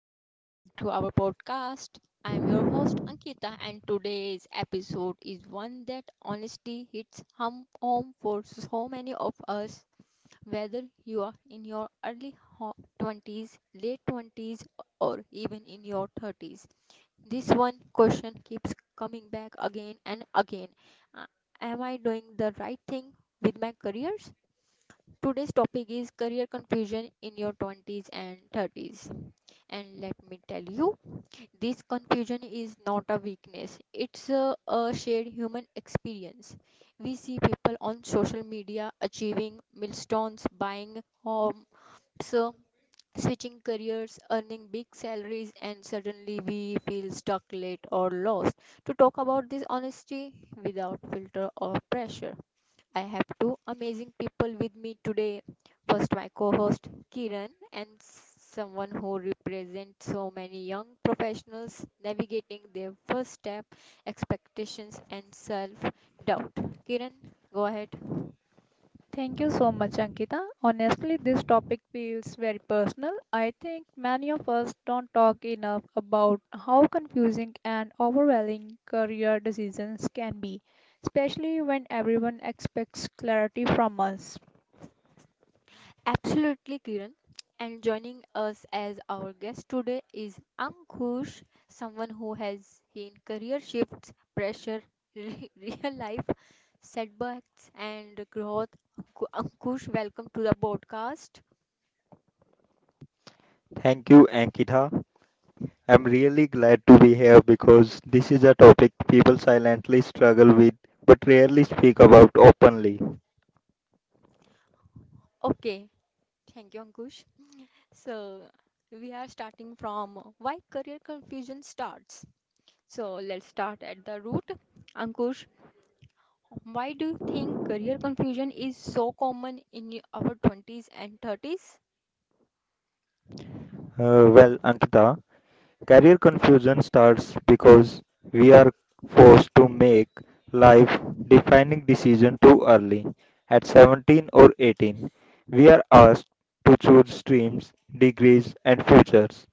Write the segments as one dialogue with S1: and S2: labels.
S1: and welcome back to our podcast. I'm your host Ankita, and today's episode is one that honestly hits home for so many of us, whether you are in your early 20s, late 20s, or even in your 30s. This one question keeps coming back again and again. Uh, Am I doing the right thing with my careers? Today's topic is career confusion in your 20s and 30s. And let me tell you, this confusion is not a weakness, it's a shared human experience. We see people on social media achieving milestones, buying homes, so switching careers, earning big salaries, and suddenly we feel stuck, late, or lost. To talk about this honesty without filter or pressure. I have two amazing people with me today. First, my co host Kiran, and someone who represents so many young professionals navigating their first step, expectations, and self doubt. Kiran, go ahead.
S2: Thank you so much, Ankita. Honestly, this topic feels very personal. I think many of us don't talk enough about how confusing and overwhelming career decisions can be, especially when everyone expects clarity from us.
S1: Absolutely, Kiran. And joining us as our guest today is Ankush, someone who has seen career shifts, pressure, real life setbacks, and growth. Ankush, welcome to the podcast.
S3: Thank you, Ankita. I'm really glad to be here because this is a topic people silently struggle with but rarely speak about openly.
S1: Okay, thank you, Ankush. So, we are starting from why career confusion starts. So, let's start at the root. Ankush, why do you think career confusion is so common in our 20s and 30s?
S3: Well, Ankita, career confusion starts because we are forced to make life defining decision too early. At 17 or 18, we are asked to choose streams, degrees, and futures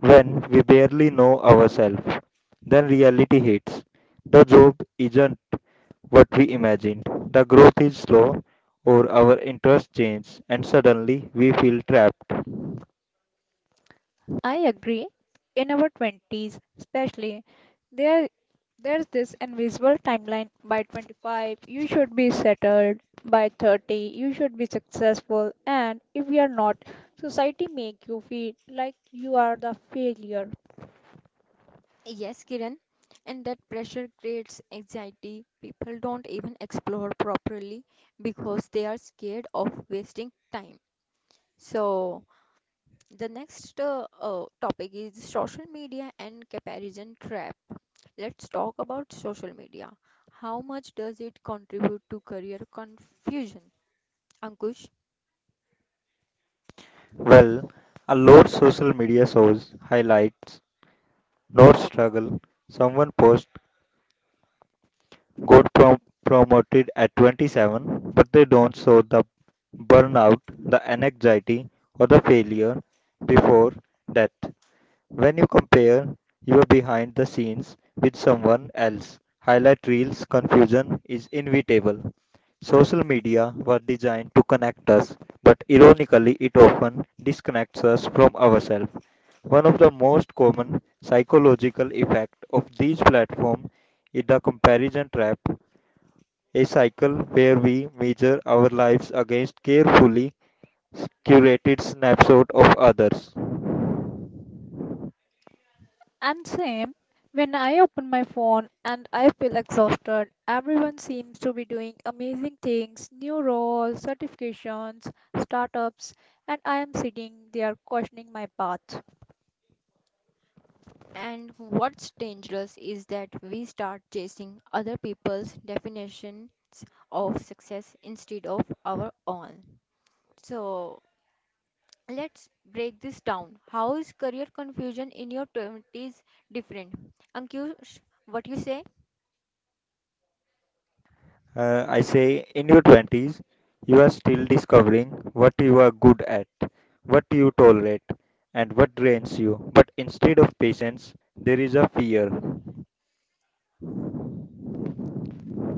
S3: when we barely know ourselves. Then reality hits. The job isn't what we imagined. The growth is slow, or our interests change, and suddenly we feel trapped.
S2: I agree. In our 20s, especially, there there's this invisible timeline. By 25, you should be settled. By 30, you should be successful. And if you are not, society make you feel like you are the failure.
S1: Yes, Kiran, and that pressure creates anxiety. People don't even explore properly because they are scared of wasting time. So, the next topic is social media and comparison trap. Let's talk about social media. How much does it contribute to career confusion? Ankush?
S3: Well, a lot social media shows highlights, not struggle. Someone posts got promoted at 27, but they don't show the burnout, the anxiety, or the failure before death. When you compare your behind the scenes with someone else, highlight reels confusion is inevitable. Social media was designed to connect us, but ironically, it often disconnects us from ourselves. One of the most common psychological effects of these platforms in the comparison trap, a cycle where we measure our lives against carefully curated snapshot of others.
S2: And same, when I open my phone and I feel exhausted, everyone seems to be doing amazing things, new roles, certifications, startups, and I am sitting there questioning my path.
S1: And what's dangerous is that we start chasing other people's definitions of success instead of our own. So let's break this down. How is career confusion in your 20s different? Ankush, what you say?
S3: Say in your 20s, you are still discovering what you are good at, what you tolerate, and what drains you. But instead of patience, there is a fear.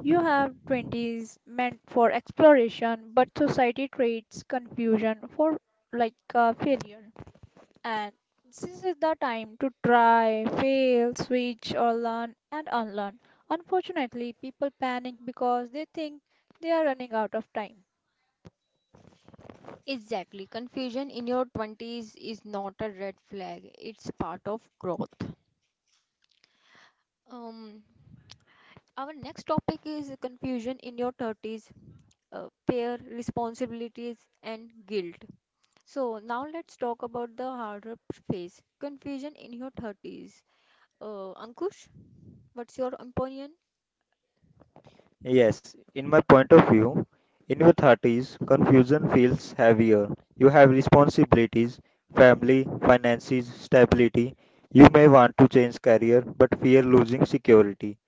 S2: You have 20s meant for exploration, but society trades confusion for like a failure. And this is the time to try, fail, switch, or learn and unlearn. Unfortunately, people panic because they think they are running out of time.
S1: Exactly. Confusion in your 20s is not a red flag, it's part of growth. Um, our next topic is confusion in your 30s, fear, responsibilities, and guilt. So now let's talk about the harder phase, confusion in your 30s. Ankush, what's your opinion?
S3: Yes, in my point of view, in your 30s, confusion feels heavier. You have responsibilities, family, finances, stability. You may want to change career but fear losing security.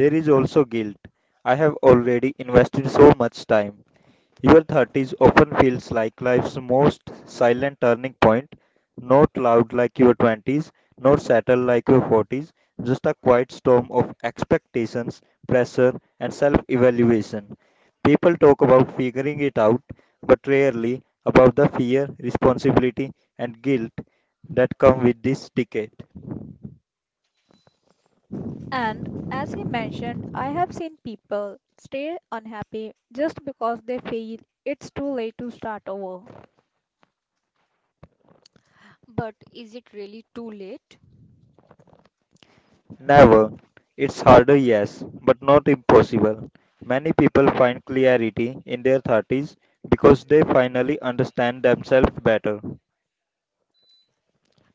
S3: There is also guilt. I have already invested so much time. Your thirties often feels like life's most silent turning point, not loud like your twenties, nor settled like your forties, just a quiet storm of expectations, pressure, and self-evaluation. People talk about figuring it out, but rarely about the fear, responsibility, and guilt that come with this decade.
S2: And as he mentioned, I have seen people stay unhappy just because they feel it's too late to start over.
S1: But is it really too late?
S3: Never. It's harder, yes, but not impossible. Many people find clarity in their 30s because they finally understand themselves better.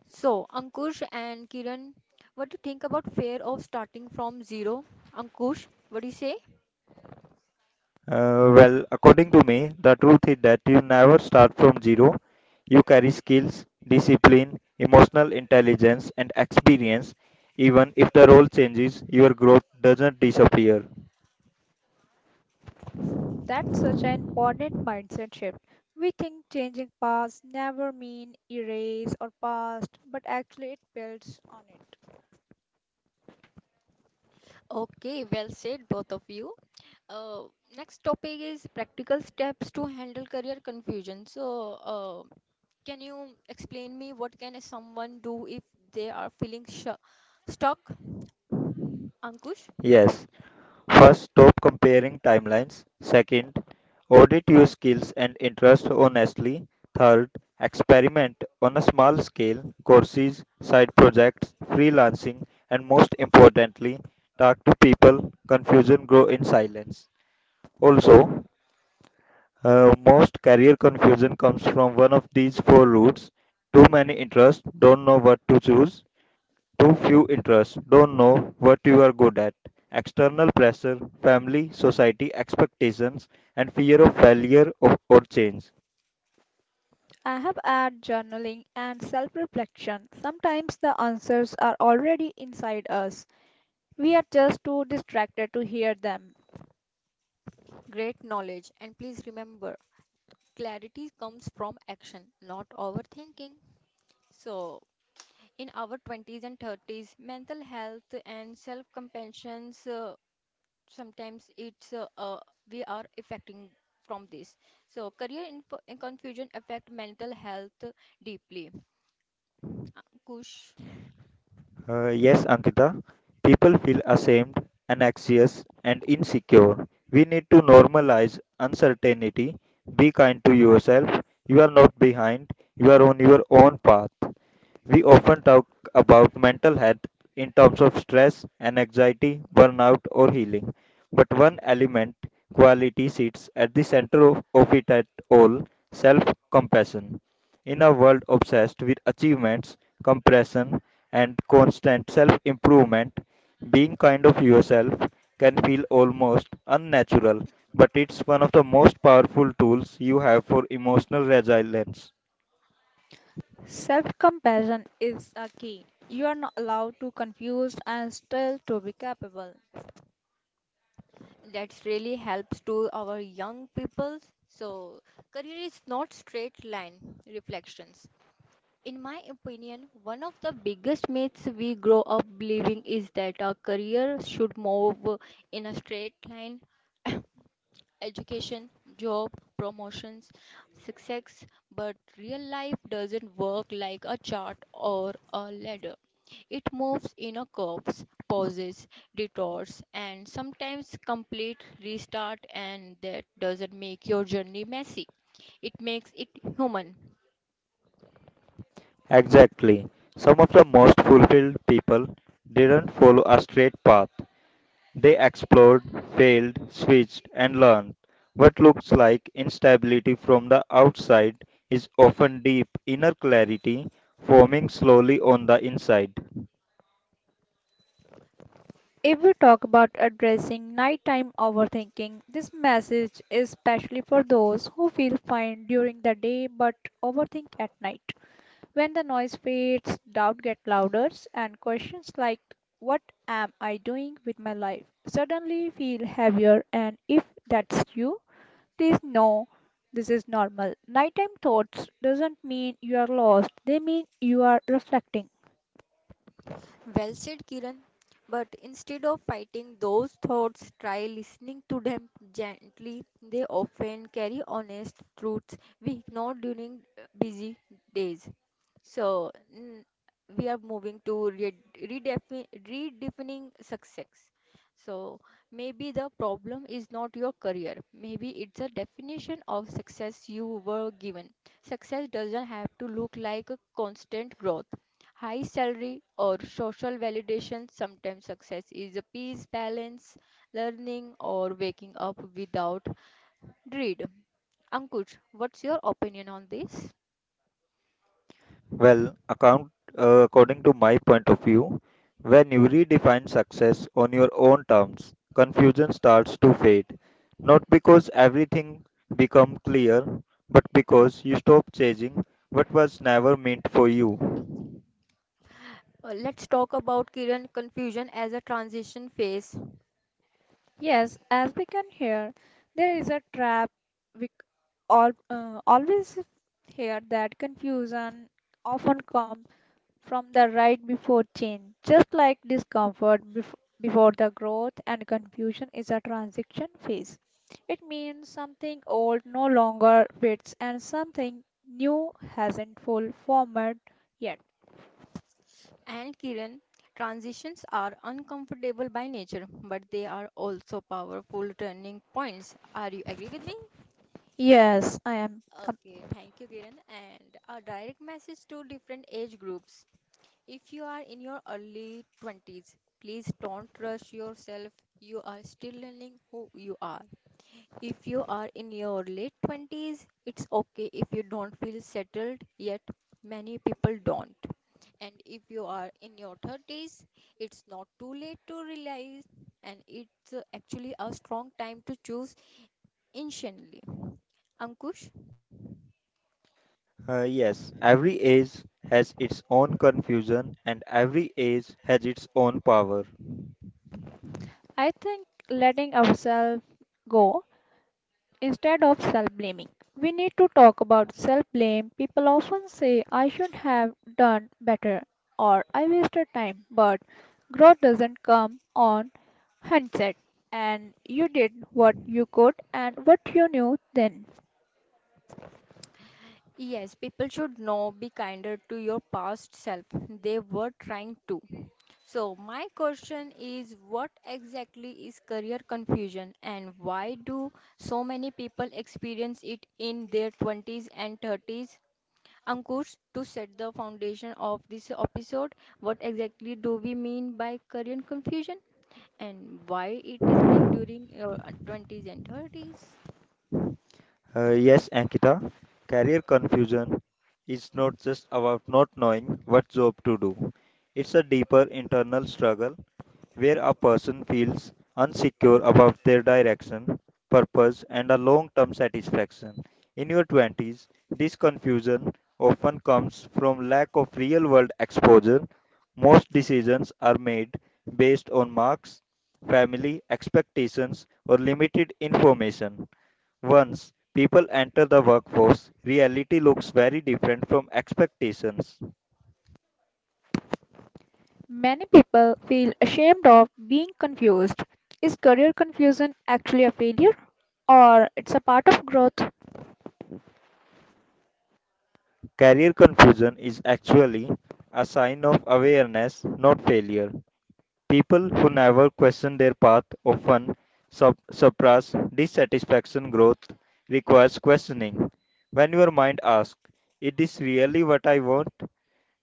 S1: So Ankush and Kiran, what do you think about fear of starting from zero? Ankush, what do you say?
S3: Well, according to me, the truth is that you never start from zero. You carry skills, discipline, emotional intelligence, and experience. Even if the role changes, your growth doesn't disappear.
S2: That's such an important mindset shift. We think changing past never mean erase or past, but actually it builds on it.
S1: Okay, well said, both of you. Uh, Next topic is practical steps to handle career confusion. So, can you explain me what can someone do if they are feeling sh stuck? Ankush?
S3: Yes. First, stop comparing timelines. Second, audit your skills and interests honestly. Third, experiment on a small scale, courses, side projects, freelancing, and most importantly, talk to people. Confusion grows in silence. Also, most career confusion comes from one of these four routes. Too many interests, don't know what to choose. Too few interests, don't know what you are good at. External pressure, family, society expectations, and fear of failure of, or change.
S2: I have had journaling and self-reflection. Sometimes the answers are already inside us. We are just too distracted to hear them.
S1: Great knowledge. And please remember, clarity comes from action, not overthinking. So, in our 20s and 30s, mental health and self compassion, sometimes it's we are affecting from this. So, in confusion affect mental health deeply. Kush,
S3: Yes, Ankita, people feel ashamed, anxious, and insecure. We need to normalize uncertainty. Be kind to yourself. You are not behind, you are on your own path. We often talk about mental health in terms of stress and anxiety, burnout, or healing. But one element, quality, sits at the center of it at all self compassion. In a world obsessed with achievements, compression, and constant self improvement, being kind of yourself can feel almost unnatural, but it's one of the most powerful tools you have for emotional resilience.
S2: Self-compassion is a key. You are not allowed to confuse and still to be capable.
S1: that really helps to our young people. So, career is not straight line reflections. In my opinion, one of the biggest myths we grow up believing is that our career should move in a straight line education, job, promotions, success, but real life doesn't work like a chart or a ladder. It moves in a curves, pauses, detours, and sometimes complete restart, and that doesn't make your journey messy. It makes it human.
S3: Exactly. Some of the most fulfilled people didn't follow a straight path. They explored, failed, switched, and learned. What looks like instability from the outside is often deep inner clarity forming slowly on the inside.
S2: If we talk about addressing nighttime overthinking, this message is specially for those who feel fine during the day but overthink at night. When the noise fades, doubt get louder, and questions like what am I doing with my life suddenly feel heavier. And if that's you, please know this is normal. Nighttime thoughts doesn't mean you are lost; they mean you are reflecting.
S1: Well said, Kiran. But instead of fighting those thoughts, try listening to them gently. They often carry honest truths we ignore during busy days. So we are moving to redefining success. So maybe the problem is not your career. Maybe it's a definition of success you were given. Success doesn't have to look like a constant growth, high salary, or social validation. Sometimes success is a peace, balance, learning, or waking up without dread. Ankush, what's your opinion on this?
S3: Well, according to my point of view, when you redefine success on your own terms, confusion starts to fade. Not because everything become clear, but because you stop chasing what was never meant for you.
S1: Let's talk about Kiran confusion as a transition phase.
S2: Yes, as we can hear, there is a trap we all, always hear that confusion often comes from the right before change. Just like discomfort before the growth and confusion is a transition phase. It means something old no longer fits and something new hasn't full formed yet.
S1: And Kiran, transitions are uncomfortable by nature, but they are also powerful turning points. Are you agree with me?
S2: Yes, I am.
S1: Okay, thank you, Kiran. And a direct message to different age groups. If you are in your early 20s, please don't rush yourself. You are still learning who you are. If you are in your late 20s, it's okay if you don't feel settled yet. Many people don't. And if you are in your 30s, it's not too late to realize, and it's actually a strong time to choose intentionally. Ankush?
S3: Yes, every age has its own confusion and every age has its own power.
S2: I think letting ourselves go. Instead of self blaming, we need to talk about self blame. People often say, I should have done better or I wasted time, but growth doesn't come on hindsight. And you did what you could and what you knew then.
S1: Yes, people should know be kinder to your past self. They were trying to. So, my question is what exactly is career confusion and why do so many people experience it in their 20s and 30s? Ankush, to set the foundation of this episode, what exactly do we mean by career confusion and why it is peak during 20s and 30s?
S3: Yes, Ankita, career confusion is not just about not knowing what job to do. It's a deeper internal struggle where a person feels unsecure about their direction, purpose, and a long term satisfaction. In your 20s, this confusion often comes from lack of real world exposure. Most decisions are made based on marks, family expectations, or limited information. Once people enter the workforce, reality looks very different from expectations.
S2: Many people feel ashamed of being confused. Is career confusion actually a failure or it's a part of growth?
S3: Career confusion is actually a sign of awareness, not failure. People who never question their path often suppress dissatisfaction. Growth requires questioning. When your mind asks, is this really what I want?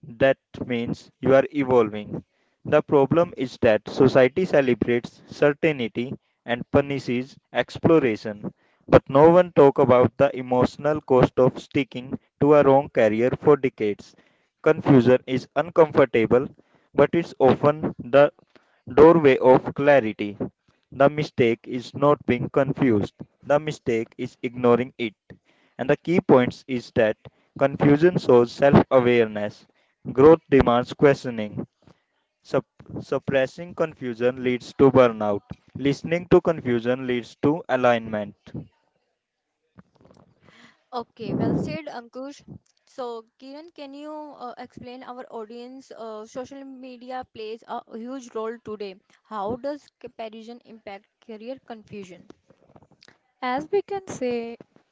S3: That means you are evolving. The problem is that society celebrates certainty and punishes exploration, but no one talks about the emotional cost of sticking to a wrong career for decades. Confusion is uncomfortable, but it's often the doorway of clarity. The mistake is not being confused. The mistake is ignoring it. And the key points is that confusion shows self awareness. Growth demands questioning. Sup- Suppressing confusion leads to burnout. Listening to confusion leads to alignment.
S1: Okay, well said, Ankush. So, Kiran, can you explain our audience? Social media plays a huge role today. How does comparison impact career confusion?
S2: As we can say,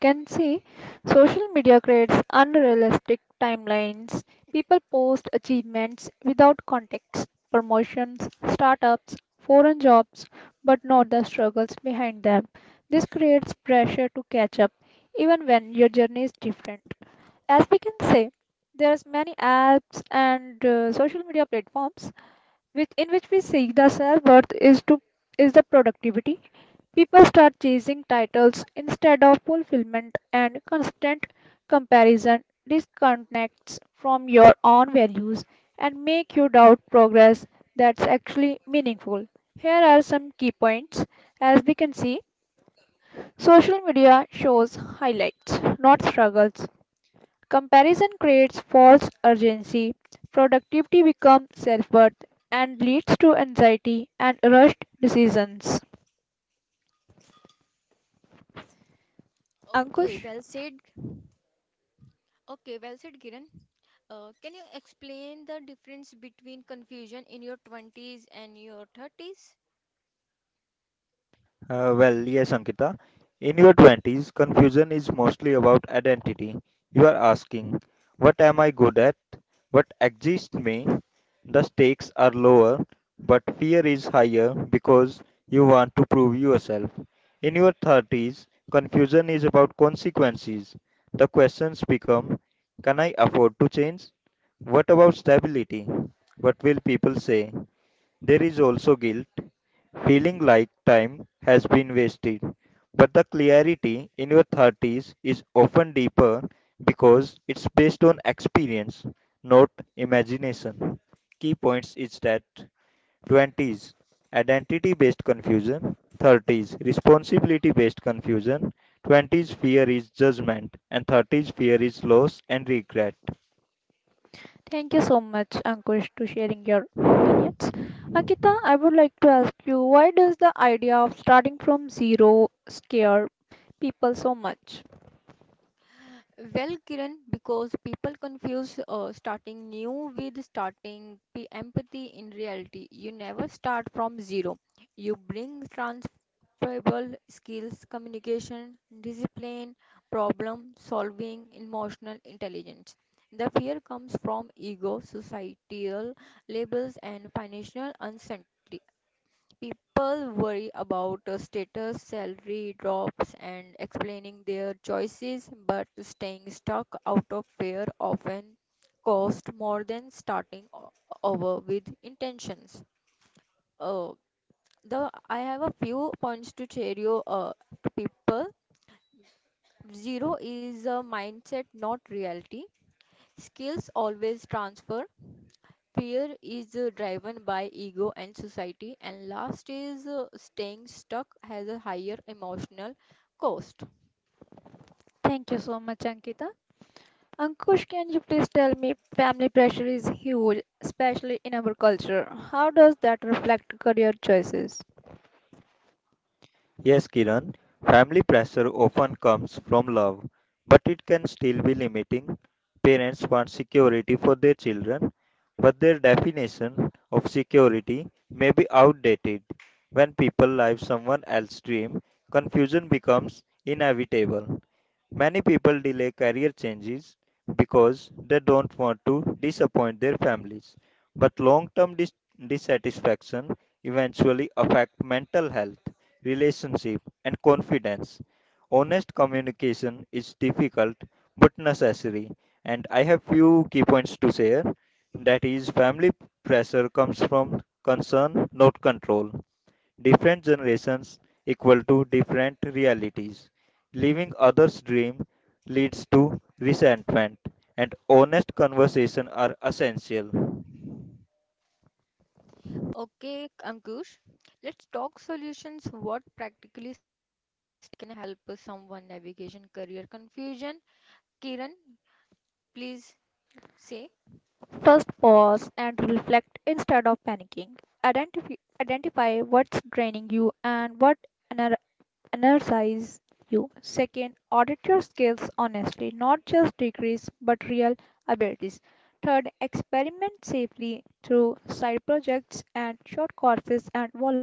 S2: As we can see, social media creates unrealistic timelines. People post achievements without context, promotions, startups, foreign jobs, but not the struggles behind them. This creates pressure to catch up, even when your journey is different. As we can say, there's many apps and social media platforms which in which we see the self worth is to is the productivity. People start chasing titles instead of fulfillment, and constant comparison disconnects from your own values and make you doubt progress that's actually meaningful. Here are some key points. As we can see, social media shows highlights, not struggles. Comparison creates false urgency. Productivity becomes self-worth and leads to anxiety and rushed decisions. Ankush?
S1: Okay, well said. Okay, well said, Kiran. Can you explain the difference between confusion in your 20s and your 30s?
S3: Well, yes, Ankita. In your 20s, confusion is mostly about identity. You are asking, what am I good at? What exists me? The stakes are lower, but fear is higher because you want to prove yourself. In your 30s, confusion is about consequences. The questions become, can I afford to change? What about stability? What will people say? There is also guilt, feeling like time has been wasted. But the clarity in your 30s is often deeper because it's based on experience, not imagination. Key points is that 20s identity based confusion, 30s responsibility based confusion, 20s fear is judgment and 30s fear is loss and regret.
S2: Thank you so much, Ankush, to sharing your opinions. Ankita, I would like to ask you why does the idea of starting from zero scare people so much?
S1: Well, Kiran, because people confuse starting new with empathy in reality. You never start from zero. You bring transferable skills, communication, discipline, problem solving, emotional intelligence. The fear comes from ego, societal labels, and financial uncertainty. People worry about status, salary drops, and explaining their choices, but staying stuck out of fear often costs more than over with intentions. Uh, the I have a few points to share you to people. Zero is a mindset, not reality. Skills always transfer. Fear is driven by ego and society, and last is staying stuck has a higher emotional cost.
S2: Thank you so much, Ankita. Ankush, can you please tell me family pressure is huge, especially in our culture. How does that reflect career choices?
S3: Yes, Kiran, family pressure often comes from love, but it can still be limiting. Parents want security for their children, but their definition of security may be outdated. When people live someone else's dream, confusion becomes inevitable. Many people delay career changes because they don't want to disappoint their families. But long-term dissatisfaction eventually affect mental health, relationship, and confidence. Honest communication is difficult but necessary. And I have few key points to share. That is, family pressure comes from concern, not control. Different generations equal to different realities. Living others' dream leads to resentment, and honest conversation are essential.
S1: Okay, Ankush, let's talk solutions. What practically help someone navigation career confusion? Kiran, please say.
S2: First, pause and reflect instead of panicking. Identify, identify what's draining you and what ener- energize you. Second, audit your skills honestly, not just degrees but real abilities. Third, experiment safely through side projects and short courses and volunteers.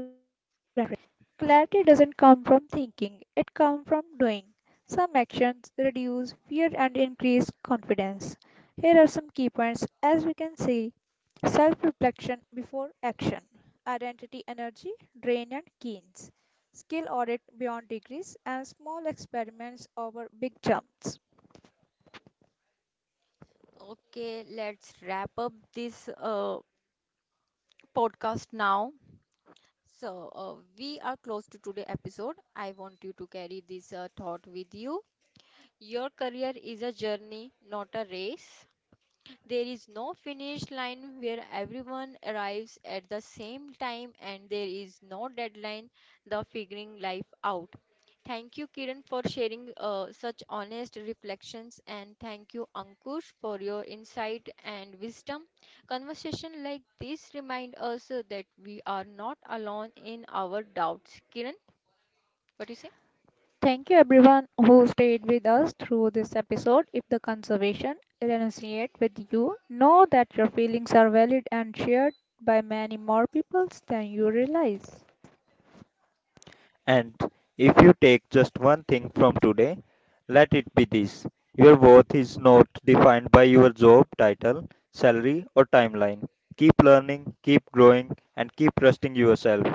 S2: Clarity doesn't come from thinking, it comes from doing. Some actions reduce fear and increase confidence. Here are some key points as we can see self reflection before action, identity, energy, drain, and gains, skill audit beyond degrees, and small experiments over big jumps.
S1: Okay, let's wrap up this podcast now. So, we are close to today episode. I want you to carry this thought with you. Your career is a journey, not a race. There is no finish line where everyone arrives at the same time, and there is no deadline the figuring life out. Thank you, Kiran, for sharing such honest reflections, and thank you, Ankush, for your insight and wisdom. Conversation like this remind us that we are not alone in our doubts. Kiran, what do you say?
S2: Thank you everyone who stayed with us through this episode. If the conservation resonates with you, know that your feelings are valid and shared by many more people than you realize.
S3: And if you take just one thing from today, let it be this. Your worth is not defined by your job title, salary, or timeline. Keep learning, keep growing, and keep trusting yourself.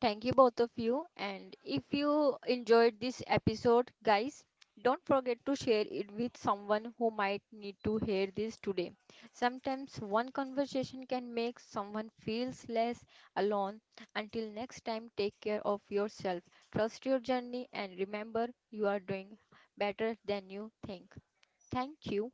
S1: Thank you, both of you. And if you enjoyed this episode, guys, don't forget to share it with someone who might need to hear this today. Sometimes one conversation can make someone feels less alone. Until next time, take care of yourself. Trust your journey and remember you are doing better than you think. Thank you.